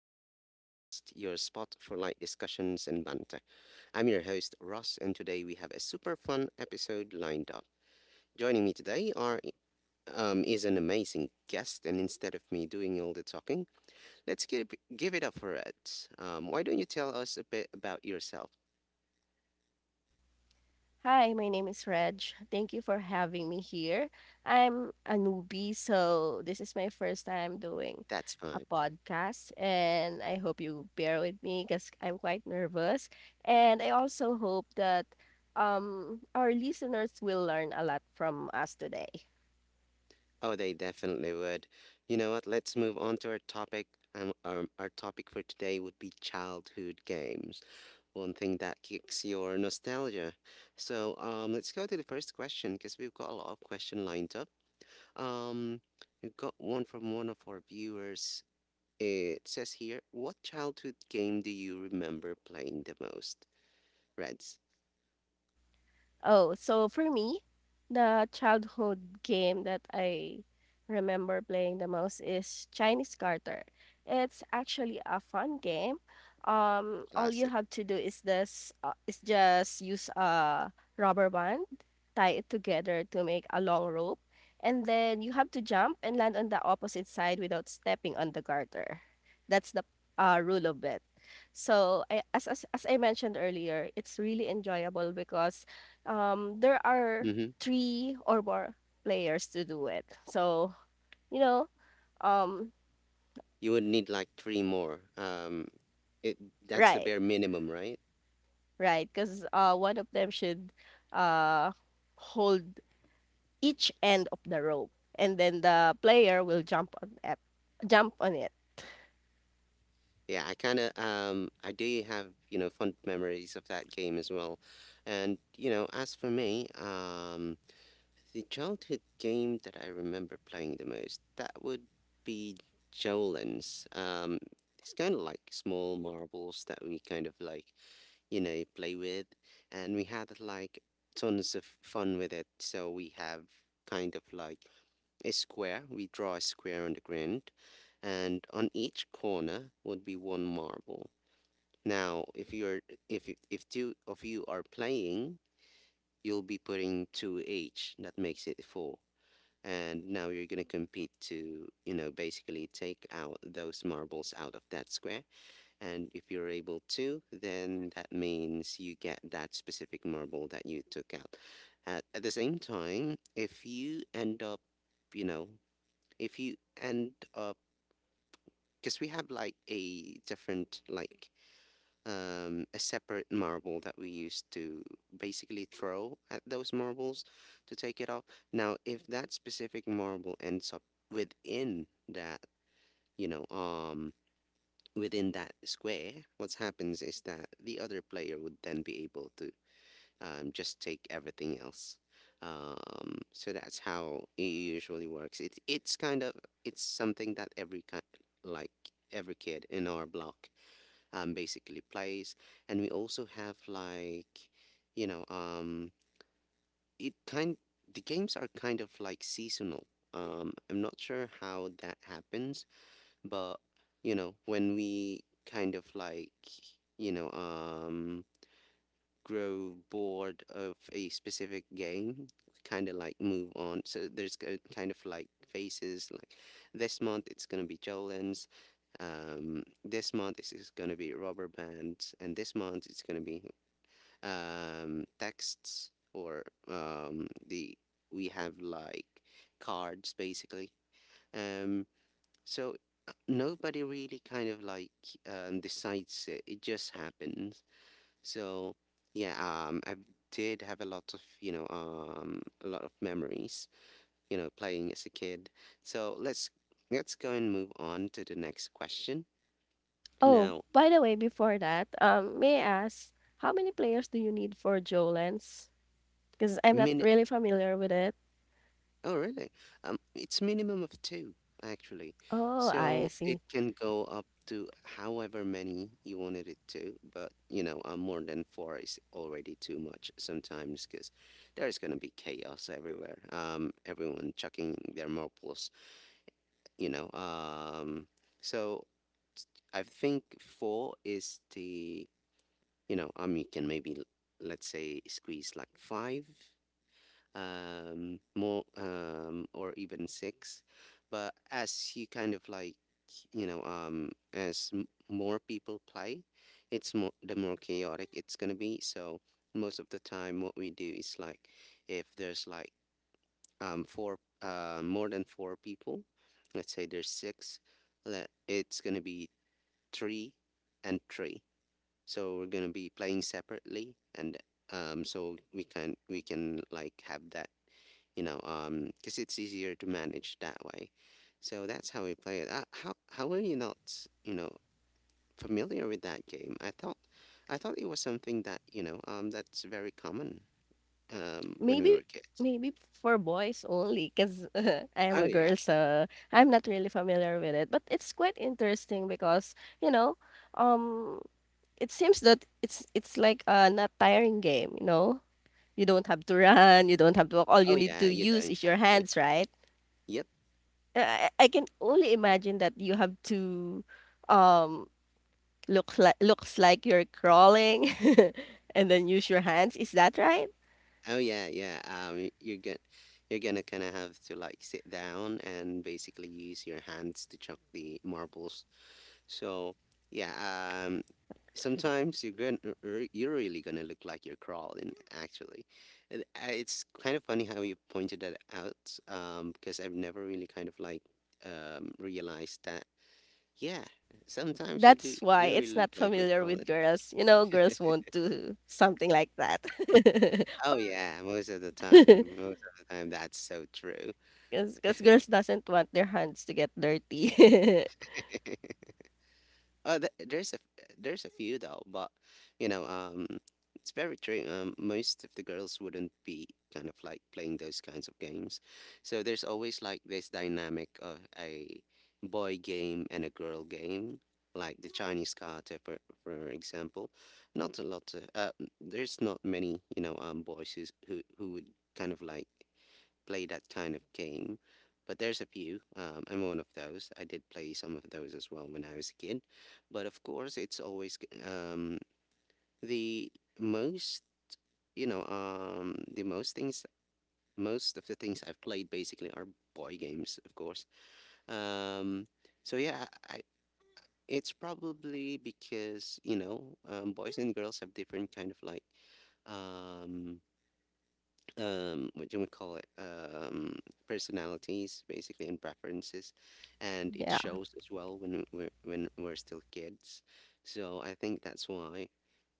English Podcast, your spot for light discussions and banter. I'm your host, Ross, and today we have a super fun episode lined up. Joining me today are is an amazing guest, and instead of me doing all the talking, let's give, give it up for it. Why don't you tell us a bit about yourself? Hi, my name is Reg. Thank you for having me here. I'm a newbie, so this is my first time doing That's a fine. podcast, and I hope you bear with me because I'm quite nervous. And I also hope that our listeners will learn a lot from us today. Oh, they definitely would. You know what? Let's move on to our topic. Our topic for today would be childhood games. One thing that kicks your nostalgia. So let's go to the first question because we've got a lot of questions lined up. Um, we've got one from one of our viewers. It says here, "What childhood game do you remember playing the most?" Reds, Oh, so for me, the childhood game that I remember playing the most is Chinese Carter. It's actually a fun game. All you classic. have to do is this is just use a rubber band, tie it together to make a long rope, and then you have to jump and land on the opposite side without stepping on the garter. That's the rule of it. So I, as I mentioned earlier, it's really enjoyable because there are Mm-hmm. three or more players to do it. So you know, um, You would need like three more. It that's the right, bare minimum, right? right, because one of them should uh hold each end of the rope, and then the player will jump on it. Jump on it. Yeah, I kind of I do have fond memories of that game as well, and as for me, the childhood game that I remember playing the most, that would be Jolens. It's kind of like small marbles that we kind of like, play with. And we had like tons of fun with it. So we have kind of like a square. We draw a square on the ground, and on each corner would be one marble. Now, if two of you are playing, you'll be putting two each. That makes it four, and now you're going to compete to basically take out those marbles out of that square, and if you're able to, then that means you get that specific marble that you took out. At the same time, if you end up you know if you end up because we have like a different like a separate marble that we used to basically throw at those marbles to take it off. Now, if that specific marble ends up within that, you know, um, within that square, what happens is that the other player would then be able to just take everything else. So that's how it usually works. It's kind of, it's something that every kind like every kid in our block basically plays, and we also have like, you know, it kind the games are kind of like seasonal. I'm not sure how that happens, but when we kind of like, you know, um, grow bored of a specific game, kind of like move on. So there's kind of like phases. Like this month, it's gonna be Jolene's. This month this is gonna be rubber bands, and this month it's gonna be texts, or the we have like cards basically. Um, so Nobody really kind of like decides it. It just happens. So yeah, I did have a lot of a lot of memories playing as a kid. So let's go and move on to the next question. Oh, Now, by the way, before that, may I ask how many players do you need for Jolens? Because I'm not min really familiar with it. oh really? It's minimum of two actually, Oh, I so it see. can go up to however many you wanted it to. But you know, more than four is already too much sometimes because there's gonna be chaos everywhere. Everyone chucking their marbles, you know um so I think four is the you can maybe, let's say, squeeze like five more or even six, but as you kind of like, as more people play, it's more the more chaotic it's gonna be. So most of the time what we do is like, if there's like four, more than four people, let's say there's six, Let it's gonna be three and three. So we're gonna be playing separately, and so we can like have that, because it's easier to manage that way. So that's how we play it. How are you not, you know, familiar with that game? I thought it was something that, that's very common, when we Maybe were kids. maybe for boys only, cause I am Oh a yeah, girl, so I'm not really familiar with it. But it's quite interesting because, you know, um, it seems that it's like a not tiring game, you know? You don't have to run, you don't have to walk. All oh you need yeah, to you use don't is have your to. hands, right? Yep. I can only imagine that you have to um look like you're crawling and then use your hands. Is that right? Oh yeah, yeah. Um, you're gonna kind of have to like sit down and basically use your hands to chuck the marbles. So yeah, sometimes you're gonna you're really gonna look like you're crawling. Actually, it's kind of funny how you pointed that out. Because I've never really kind of like realized that. Yeah, sometimes we That's why do it's really look not like we're familiar with crawling. girls. You know, girls won't do something like that. Oh or yeah, most of the time, most of the time, that's so true. because girls doesn't want their hands to get dirty. There's a, there's a few though, but you know, um, it's very true. Most of the girls wouldn't be kind of like playing those kinds of games, so there's always like this dynamic of a boy game and a girl game, like the Chinese karate, for example. Not a lot. There's not many, boys who would kind of like play that kind of game, but there's a few. I'm one of those. I did play some of those as well when I was a kid, but of course, it's always g- the most. You know, um, most of the things I've played basically are boy games, of course. Um, so yeah, it's probably because, boys and girls have different kind of like um what do we call it, personalities basically, and preferences, and it Yeah. shows as well when we're when we're still kids. So I think that's why.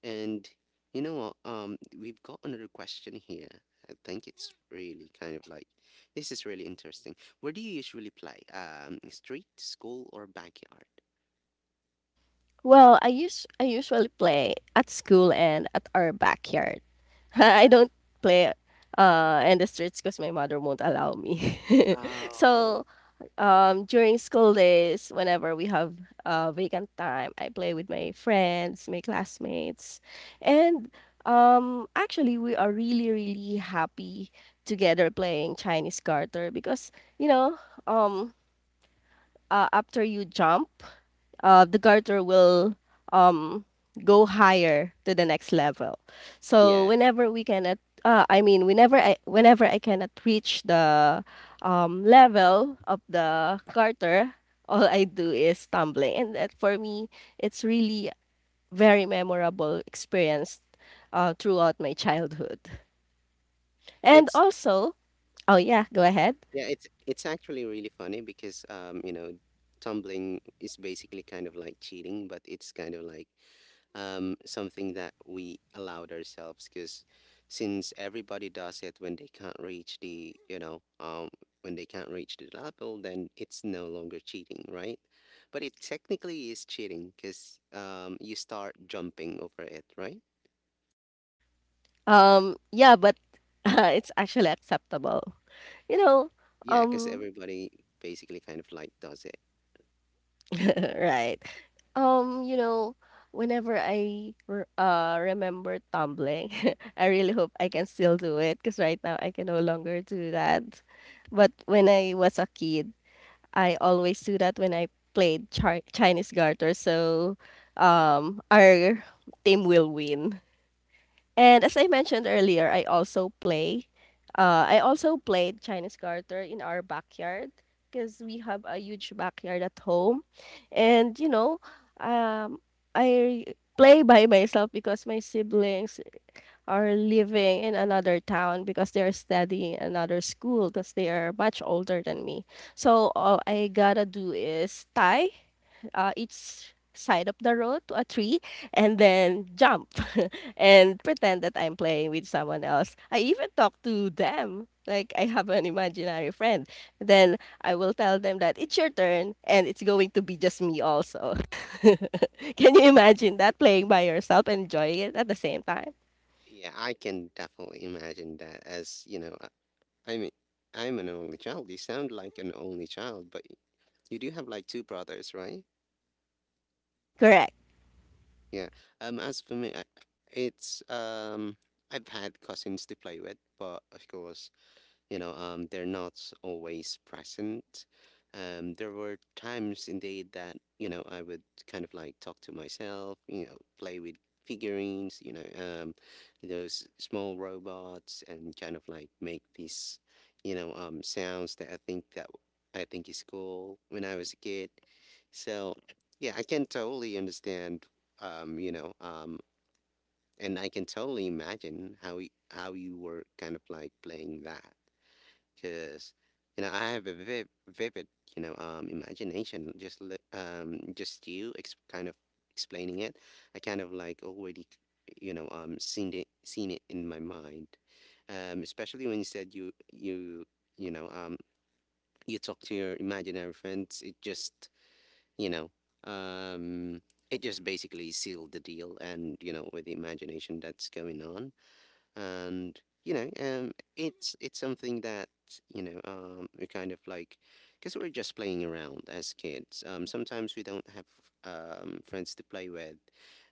And you know what, we've got another question here. I think it's really kind of like, this is really interesting. Where do you usually play, street, school, or backyard? Well, I usually play at school and at our backyard. I don't play in the streets because my mother won't allow me. so oh um during school days whenever we have vacant time, I play with my friends, my classmates. And actually we are really, really happy together playing Chinese garter because you know um after you jump, the garter will um, go higher to the next level. So yeah whenever we cannot, whenever I cannot reach the level of the garter, all I do is tumbling, and that for me, it's really very memorable experience throughout my childhood. And it's also, oh yeah, go ahead. Yeah, it's actually really funny because you know, tumbling is basically kind of like cheating, but it's kind of like something that we allowed ourselves, because since everybody does it when they can't reach the, when they can't reach the level, then it's no longer cheating, right? But it technically is cheating, because you start jumping over it, right? Yeah, but it's actually acceptable. You know, Yeah, because um, everybody basically kind of like does it. right. You know, whenever I remember tumbling, I really hope I can still do it because right now I can no longer do that. But when I was a kid, I always do that when I Chinese garter. So, our team will win. And as I mentioned earlier, I also play. I also played Chinese garter in our backyard because we have a huge backyard at home, and um, I play by myself because my siblings are living in another town because they are studying another school because they are much older than me. So all I gotta do is tie each side of the road to a tree and then jump and pretend that I'm playing with someone else. I even talk to them. Like I have an imaginary friend. Then I will tell them that it's your turn and it's going to be just me also. Can you imagine that playing by yourself and enjoying it at the same time? Yeah, I can definitely imagine that as, I mean, I'm an only child. You sound like an only child, but you do have like two brothers, right? Correct. Yeah. As for me, it's um, I've had cousins to play with, but of course, they're not always present. Um, there were times indeed that, I would kind of like talk to myself, play with figurines, those small robots, and kind of like make these, sounds that I think is cool when I was a kid. So yeah, I can totally understand, um, you know um, and I can totally imagine how you were kind of like playing that, because I have a vivid, vivid, imagination. Just li- just you kind of explaining it, I kind of like already, seen it, seen it in my mind. Especially when you said you know um you talk to your imaginary friends, it just, you know um it just basically sealed the deal. And with the imagination that's going on, and it's something that, we kind of like, because we're just playing around as kids. Um, sometimes we don't have friends to play with,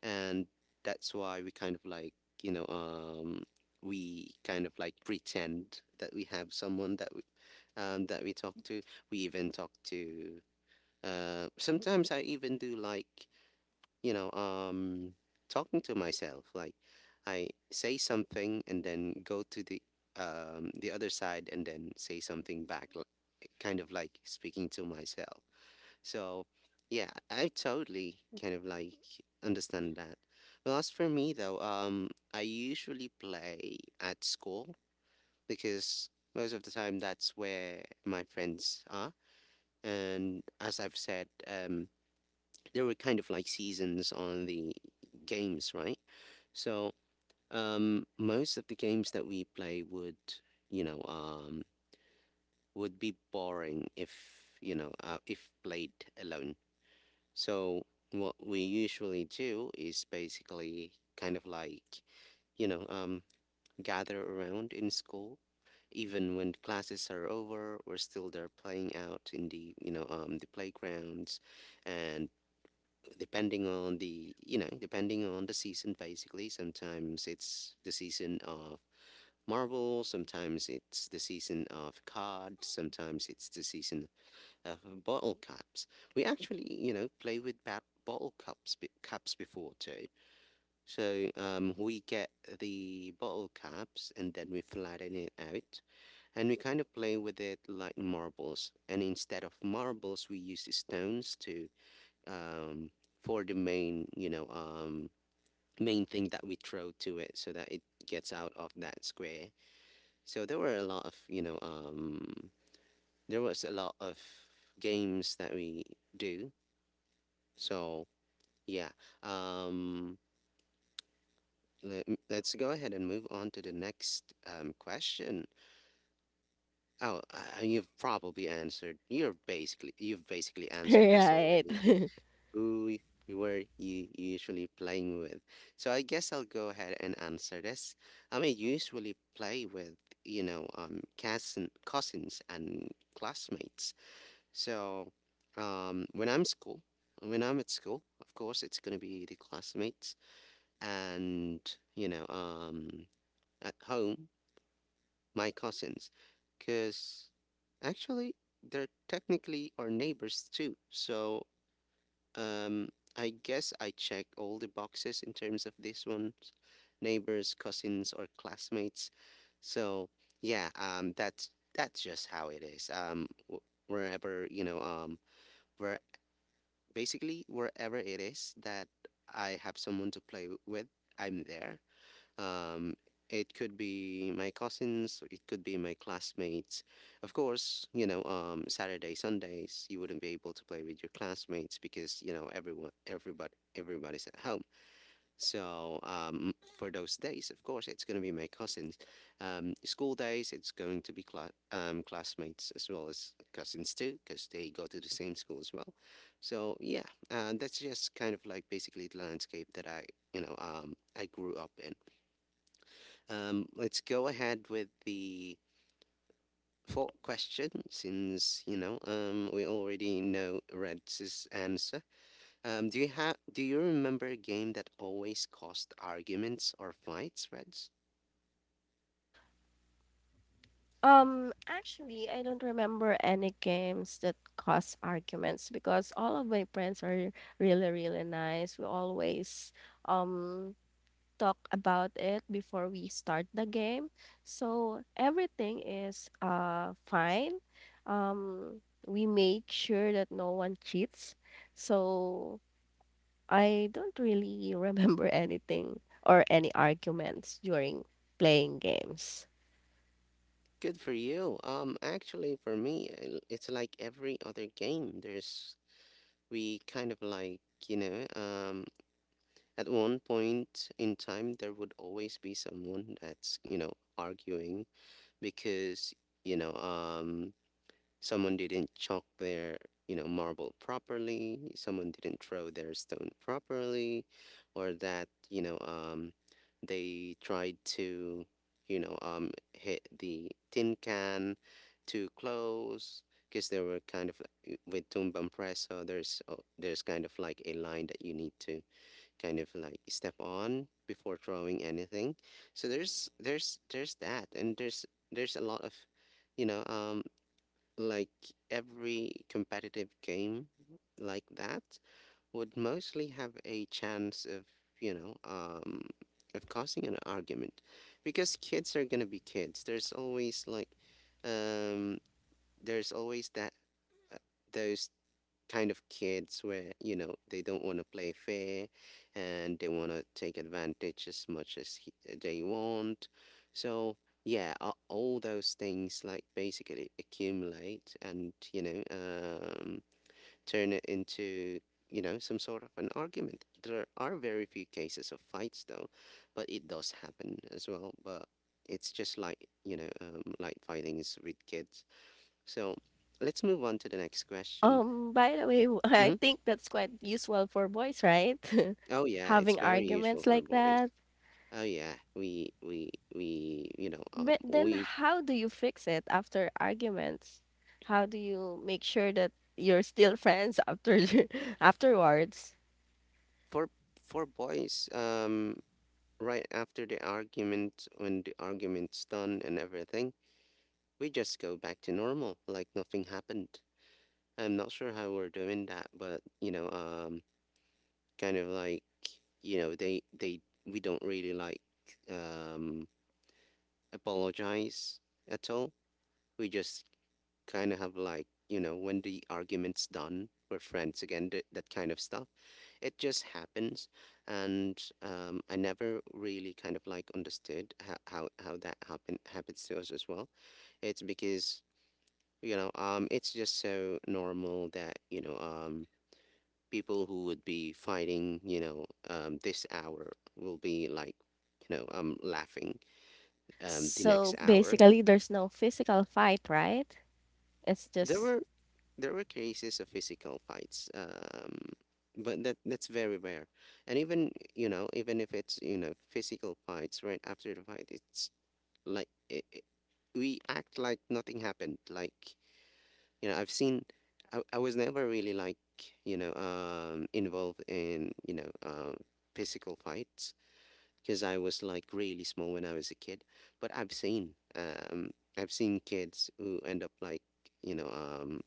and that's why we kind of like, you know um we kind of like pretend that we have someone that we talk to. we even talk to uh, sometimes I even do like, you know, um, talking to myself. Like, I say something and then go to the other side and then say something back, kind of like speaking to myself. So yeah, I totally kind of like understand that. Well, as for me though, I usually play at school because most of the time that's where my friends are. And as I've said, there were kind of like seasons on the games, right? So most of the games that we play would, you know, um, would be boring if, if played alone. So what we usually do is basically kind of like, you know um, gather around in school. Even when classes are over, we're still there playing out in the the playgrounds, and depending on the depending on the season. Basically sometimes it's the season of marvel, sometimes it's the season of cod, sometimes it's the season of bottle caps. We actually play with bottle cups caps before too. So we get the bottle caps and then we flatten it out, and we kind of play with it like marbles, and instead of marbles we use the stones to um, for the main thing that we throw to it so that it gets out of that square. So there were a lot of, there was a lot of games that we do. So yeah, um, let's go ahead and move on to the next question. Oh, you've probably answered. You're basically you've basically answered this already. Right. who y- you were you usually playing with. So I guess I'll go ahead and answer this. I mean, usually play with, cousins and classmates. So um, when I'm school, when I'm at school, of course, it's going to be the classmates and, you know, um, at home, my cousins. Because actually, they're technically our neighbors too. So um, I guess I check all the boxes in terms of this one, neighbors, cousins, or classmates. So yeah, that's just how it is. Wherever where basically wherever it is that I have someone to play with, I'm there. Um, it could be my cousins, it could be my classmates. Of course, Saturday, Sundays, you wouldn't be able to play with your classmates because, you know, everybody's at home. So for those days, of course, it's going to be my cousins. School days, it's going to be classmates as well as cousins too, because they go to the same school as well. So yeah, that's just kind of like basically the landscape that I, I grew up in. Let's go ahead with the fourth question since, we already know Red's answer. Do you remember a game that always caused arguments or fights, Reds? Actually, I don't remember any games that cause arguments because all of my friends are really, really nice. We always um talk about it before we start the game. So everything is fine. Um, we made sure that no one cheats. So I don't really remember anything or any arguments during playing games. Good for you. Actually, for me, it's like every other game. There's we kind of like, you know, um, at one point in time, there would always be someone that's, you know, arguing because, you know, um, someone didn't chalk their, you know, marble properly, someone didn't throw their stone properly, or that, they tried to, hit the tin can too close. Because there were kind of like with tumbang preso, there's kind of like a line that you need to kind of like step on before throwing anything. So there's that, and there's a lot of, you know, um, like every competitive game like that would mostly have a chance of you know um of causing an argument, because kids are gonna be kids. There's always like um there's always that uh, those kind of kids where you know they don't want to play fair, and they want to take advantage as much as they want. So yeah, all those things like basically accumulate and turn it into some sort of an argument. There are very few cases of fights though, but it does happen as well. But it's just like like fighting is with kids, so let's move on to the next question. By the way, I Mhm. think that's quite usual for boys, right? Oh yeah, it's Having very usual arguments for like boys. that. Oh yeah, we But then we how do you fix it after arguments? How do you make sure that you're still friends after afterwards? for for boys, right after the argument, when the argument's done and everything, we just go back to normal like nothing happened. I'm not sure how we're doing that, but kind of like you know they we don't really like um apologize at all. We just kind of have like, you know, when the argument's done, we're friends again, that kind of stuff. It just happens. And I never really kind of like understood how that happens to us as well. It's because it's just so normal that people who would be fighting this hour will be like laughing the next So hour. basically there's no physical fight, right? It's There just were there were cases of physical fights, but that's very rare. And even, you know, even if it's, you know, physical fights, right after the fight, it's like we act like nothing happened. Like, you know, I've seen, I was never really like involved in physical fights because I was like really small when I was a kid. But I've seen kids who end up like you know um,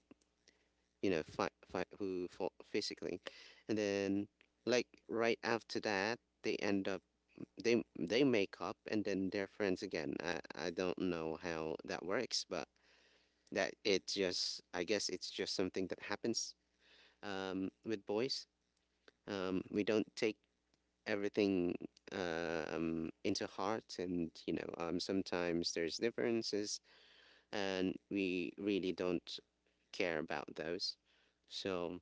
you know, fight, fight who fought physically, and then like right after that, they end up they make up and then they're friends again. I don't know how that works, but that it just, I guess it's just something that happens with boys. We don't take everything into heart. And sometimes there's differences, and we really don't care about those. So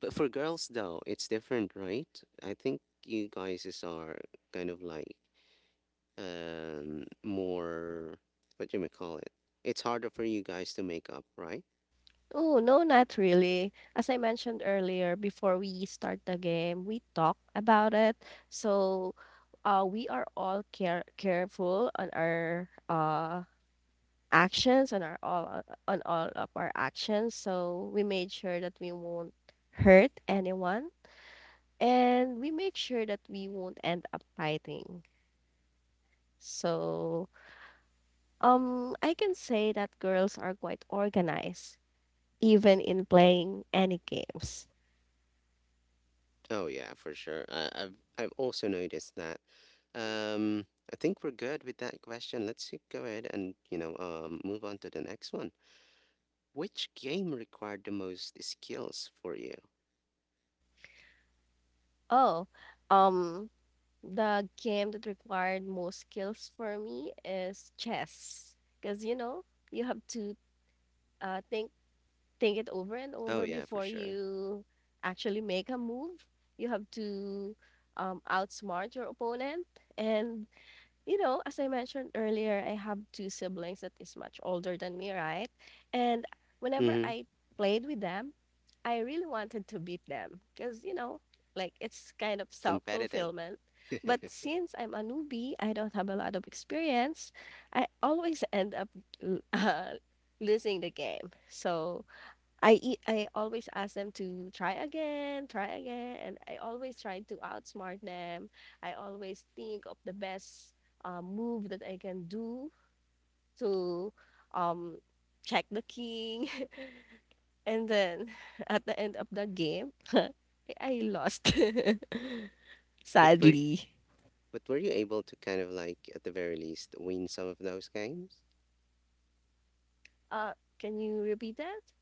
but for girls, though, it's different, right? I think you guys is are kind of like more, what do you may call it. It's harder for you guys to make up, right? oh, no, not really. As I mentioned earlier, before we start the game, we talk about it. So, we are all careful on our actions on our all on all of our actions. So we made sure that we won't hurt anyone, and we make sure that we won't end up fighting. So, I can say that girls are quite organized, even in playing any games. Oh yeah, for sure. I've also noticed that. Um, I think we're good with that question. Let's see, go ahead and move on to the next one. Which game required the most skills for you? Oh, um, the game that required most skills for me is chess. Because, you know, you have to uh, think think it over and Oh over yeah, for before sure. you actually make a move. You have to outsmart your opponent. And you know, as I mentioned earlier, I have two siblings that is much older than me, right? And whenever Mm-hmm. I played with them, I really wanted to beat them because, you know, like it's kind of self Competitive, fulfillment. But since I'm a newbie, I don't have a lot of experience, I always end up l- uh, losing the game. So, I always ask them to try again, and I always try to outsmart them. I always think of the best move that I can do to um check the king, and then at the end of the game, I lost. but for Sadly. but were you able to kind of like, at the very least, win some of those games? Uh, can you repeat that?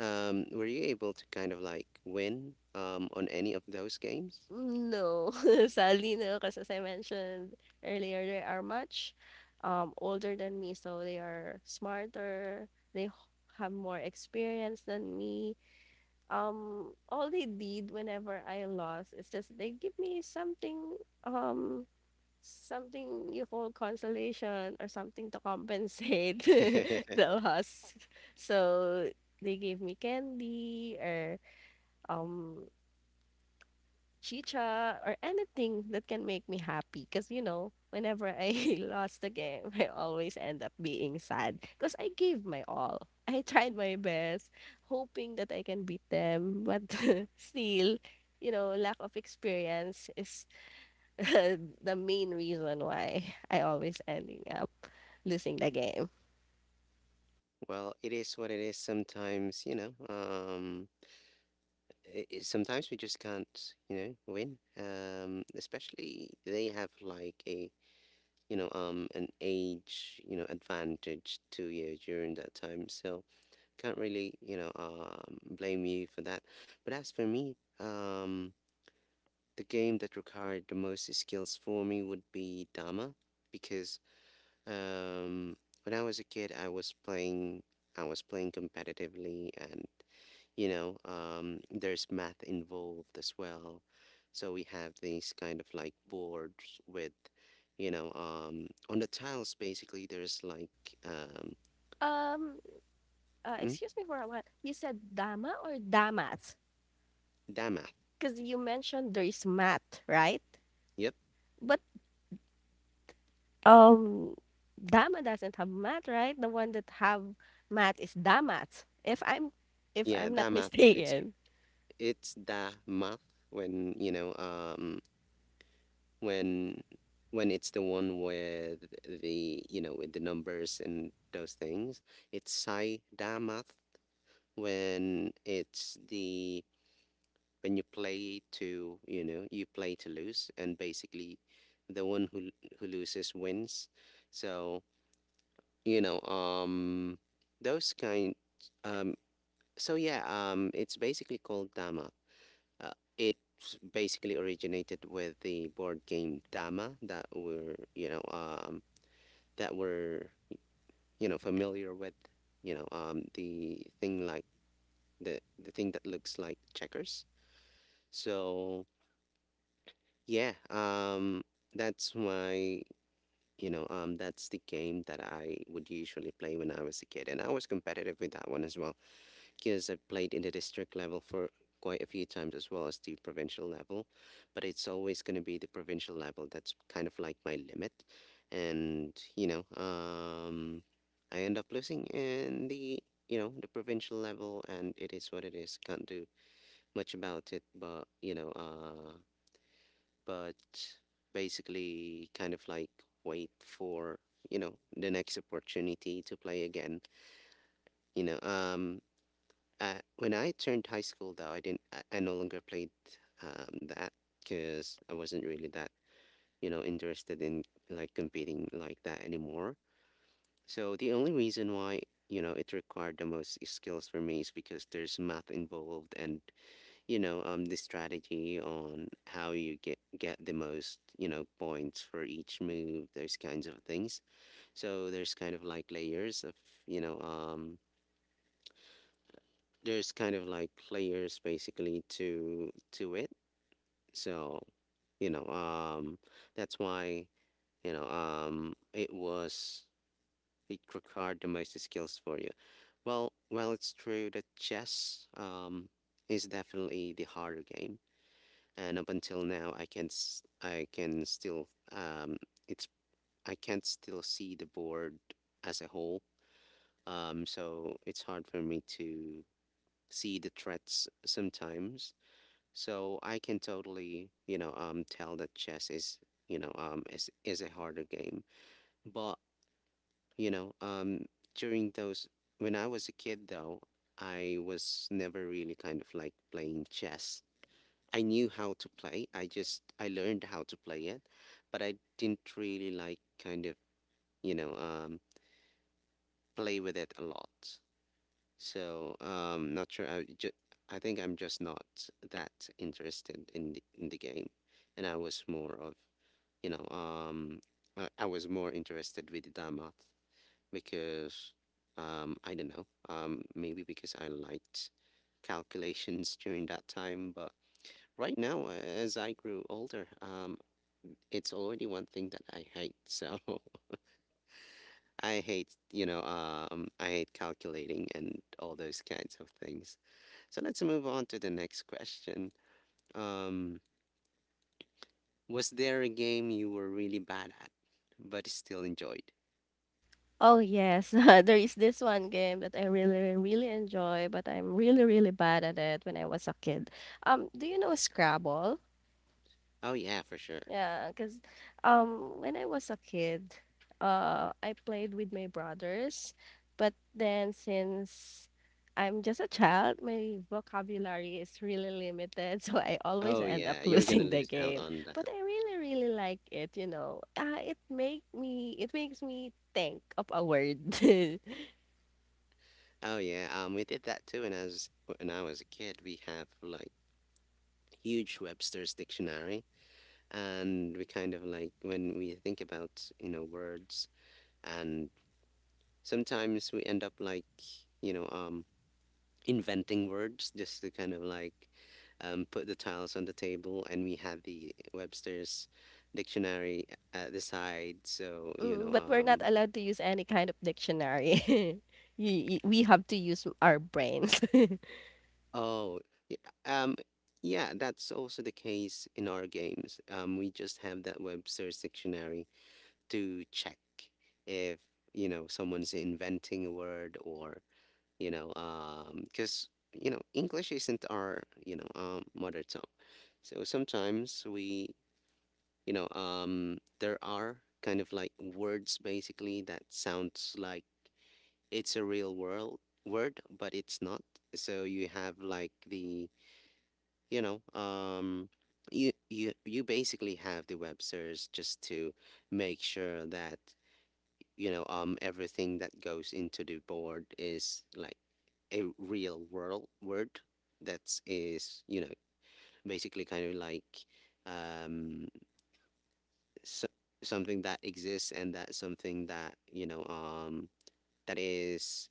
Were you able to kind of like win on any of those games? No, sadly no, because as I mentioned earlier, they are much older than me, so they are smarter, they h- have more experience than me. All they did whenever I lost is just they give me something um something you call consolation or something to compensate the loss. So they gave me candy or um chicha or anything that can make me happy because you know whenever I lost the game, I always end up being sad because I gave my all. I tried my best, hoping that I can beat them, but still, you know, lack of experience is the main reason why I always ending up losing the game. Well, it is what it is sometimes, you know. Sometimes we just can't, you know, win. Especially they have like a, an age, you know, advantage to you during that time. So can't really, blame you for that. But as for me, um, the game that required the most skills for me would be Dama, because um, when I was a kid, I was playing competitively, and, there's math involved as well. So we have these kind of like boards with, on the tiles basically. There's like um, um mm, excuse me for a while, you said Dama or Damas? Dama. Because you mentioned there is mat, right? Yep. But Um, Dama doesn't have math, right? The one that have math is Damat. If Yeah, I'm not that math. Mistaken. It's that math when when when it's the one with the, you know, with the numbers and those things. It's sai damath when it's the when you play to, you know, you play to lose, and basically the one who loses wins. So you know um those kind, um so yeah, it's basically called damath. Uh, it basically originated with the board game Dama that we're, that we're, you know, familiar with, the thing like the thing that looks like checkers. So yeah, that's why, that's the game that I would usually play when I was a kid, and I was competitive with that one as well, because I've played in the district level for quite a few times as well as the provincial level. But it's always going to be the provincial level that's kind of like my limit. And, I end up losing in the, you know, the provincial level, and it is what it is. Can't do much about it, but, you know, but basically kind of like wait for, you know, the next opportunity to play again, you know um when I turned high school, though, I didn't. I no longer played that, because I wasn't really that, you know, interested in like competing like that anymore. So the only reason why, you know, it required the most skills for me is because there's math involved, and, the strategy on how you get the most, you know, points for each move, those kinds of things. So there's kind of like layers of, you know, um, there's kind of like layers basically to it. So, you know, um that's why, it was it required the most skills for you. Well, it's true that chess is definitely the harder game. And up until now I can I can still it's I can't still see the board as a whole. Um, so it's hard for me to see the threats sometimes. So I can totally, tell that chess is, is a harder game. But you know, um, during those when I was a kid, though, I was never really kind of like playing chess. I knew how to play. I just I learned how to play it, but I didn't really like kind of, you know, um, play with it a lot. So not sure. I think I'm just not that interested in the game, and I was more of you know um, I was more interested with Damat because I don't know, maybe because I liked calculations during that time. But right now, as I grew older, it's already one thing that I hate. So I hate, I hate calculating and all those kinds of things. So let's move on to the next question. Um, was there a game you were really bad at, but still enjoyed? Oh yes, there is this one game that I really, really enjoy, but I'm really, really bad at it when I was a kid. Do you know Scrabble? Oh yeah, for sure. Yeah, because when I was a kid, I played with my brothers, but then since I'm just a child, my vocabulary is really limited, so I always Oh end yeah, up you're gonna losing the lose out game. on that. But I really, really like it, you know. It make me, it makes me think of a word. Oh yeah, we did that too when I was a kid. We have like huge Webster's dictionary, and we kind of like when we think about, you know, words, and sometimes we end up like, you know, inventing words just to kind of like, put the tiles on the table, and we have the Webster's dictionary at the side. So you Mm, know, but we're not allowed to use any kind of dictionary. We have to use our brains. oh, y- um, yeah, that's also the case in our games. We just have that Webster's dictionary to check if, you know, someone's inventing a word, or you know, because you know English isn't our, mother tongue. So sometimes we, you know, there are kind of like words basically that sounds like it's a real world word, but it's not. So you have like the, you know, you basically have the websters just to make sure that, you know, everything that goes into the board is like a real world word that is, you know, basically kind of like, um so, something that exists, and that's something that, you know, that is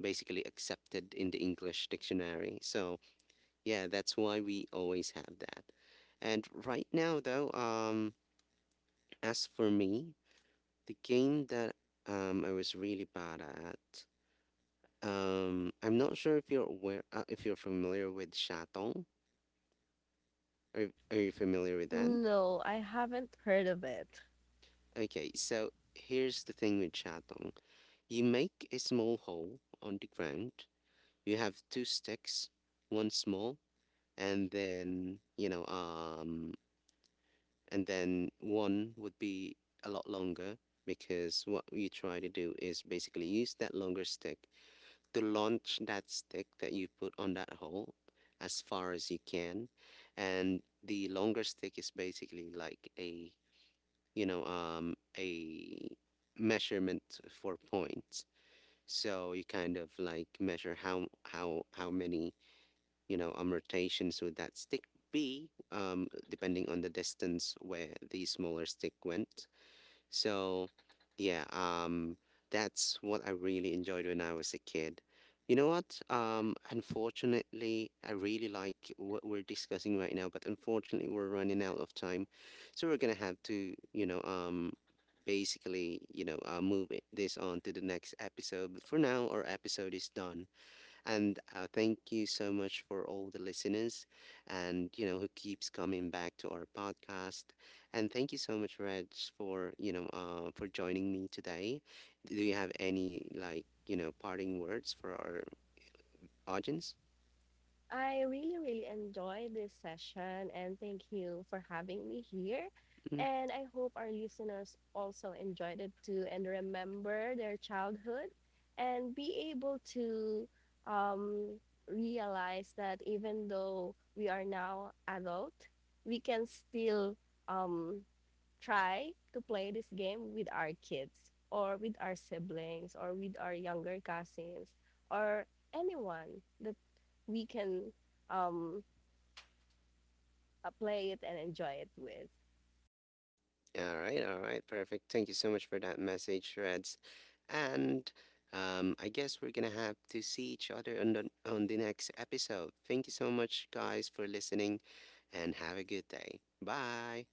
basically accepted in the English dictionary. So yeah, that's why we always have that. And right now though, as for me, the game that I was really bad at, I'm not sure if you're aware, if you're familiar with Shatong. Are you familiar with that? No, I haven't heard of it. Okay, so here's the thing with Shatong. You make a small hole on the ground, you have two sticks, one small, and then, and then one would be a lot longer, because what you try to do is basically use that longer stick to launch that stick that you put on that hole as far as you can, and the longer stick is basically like a, a measurement for points. So you kind of like measure how how many, rotations with that stick depending on the distance where the smaller stick went. So, yeah, that's what I really enjoyed when I was a kid. You know what? Unfortunately, I really like what we're discussing right now, but unfortunately, we're running out of time, so we're gonna have to, you know, basically, you know, move this on to the next episode. But for now, our episode is done. And thank you so much for all the listeners and, you know, who keeps coming back to our podcast. And thank you so much, Reg, for, you know, for joining me today. Do you have any, like, you know, parting words for our audience? I really, really enjoyed this session and thank you for having me here. Mhm. And I hope our listeners also enjoyed it too and remember their childhood and be able to um, realize that even though we are now adult, we can still um, try to play this game with our kids or with our siblings or with our younger cousins or anyone that we can um play it and enjoy it with. All right, perfect. Thank you so much for that message, Reds. And I guess we're gonna have to see each other on the next episode. Thank you so much, guys, for listening, and have a good day. Bye.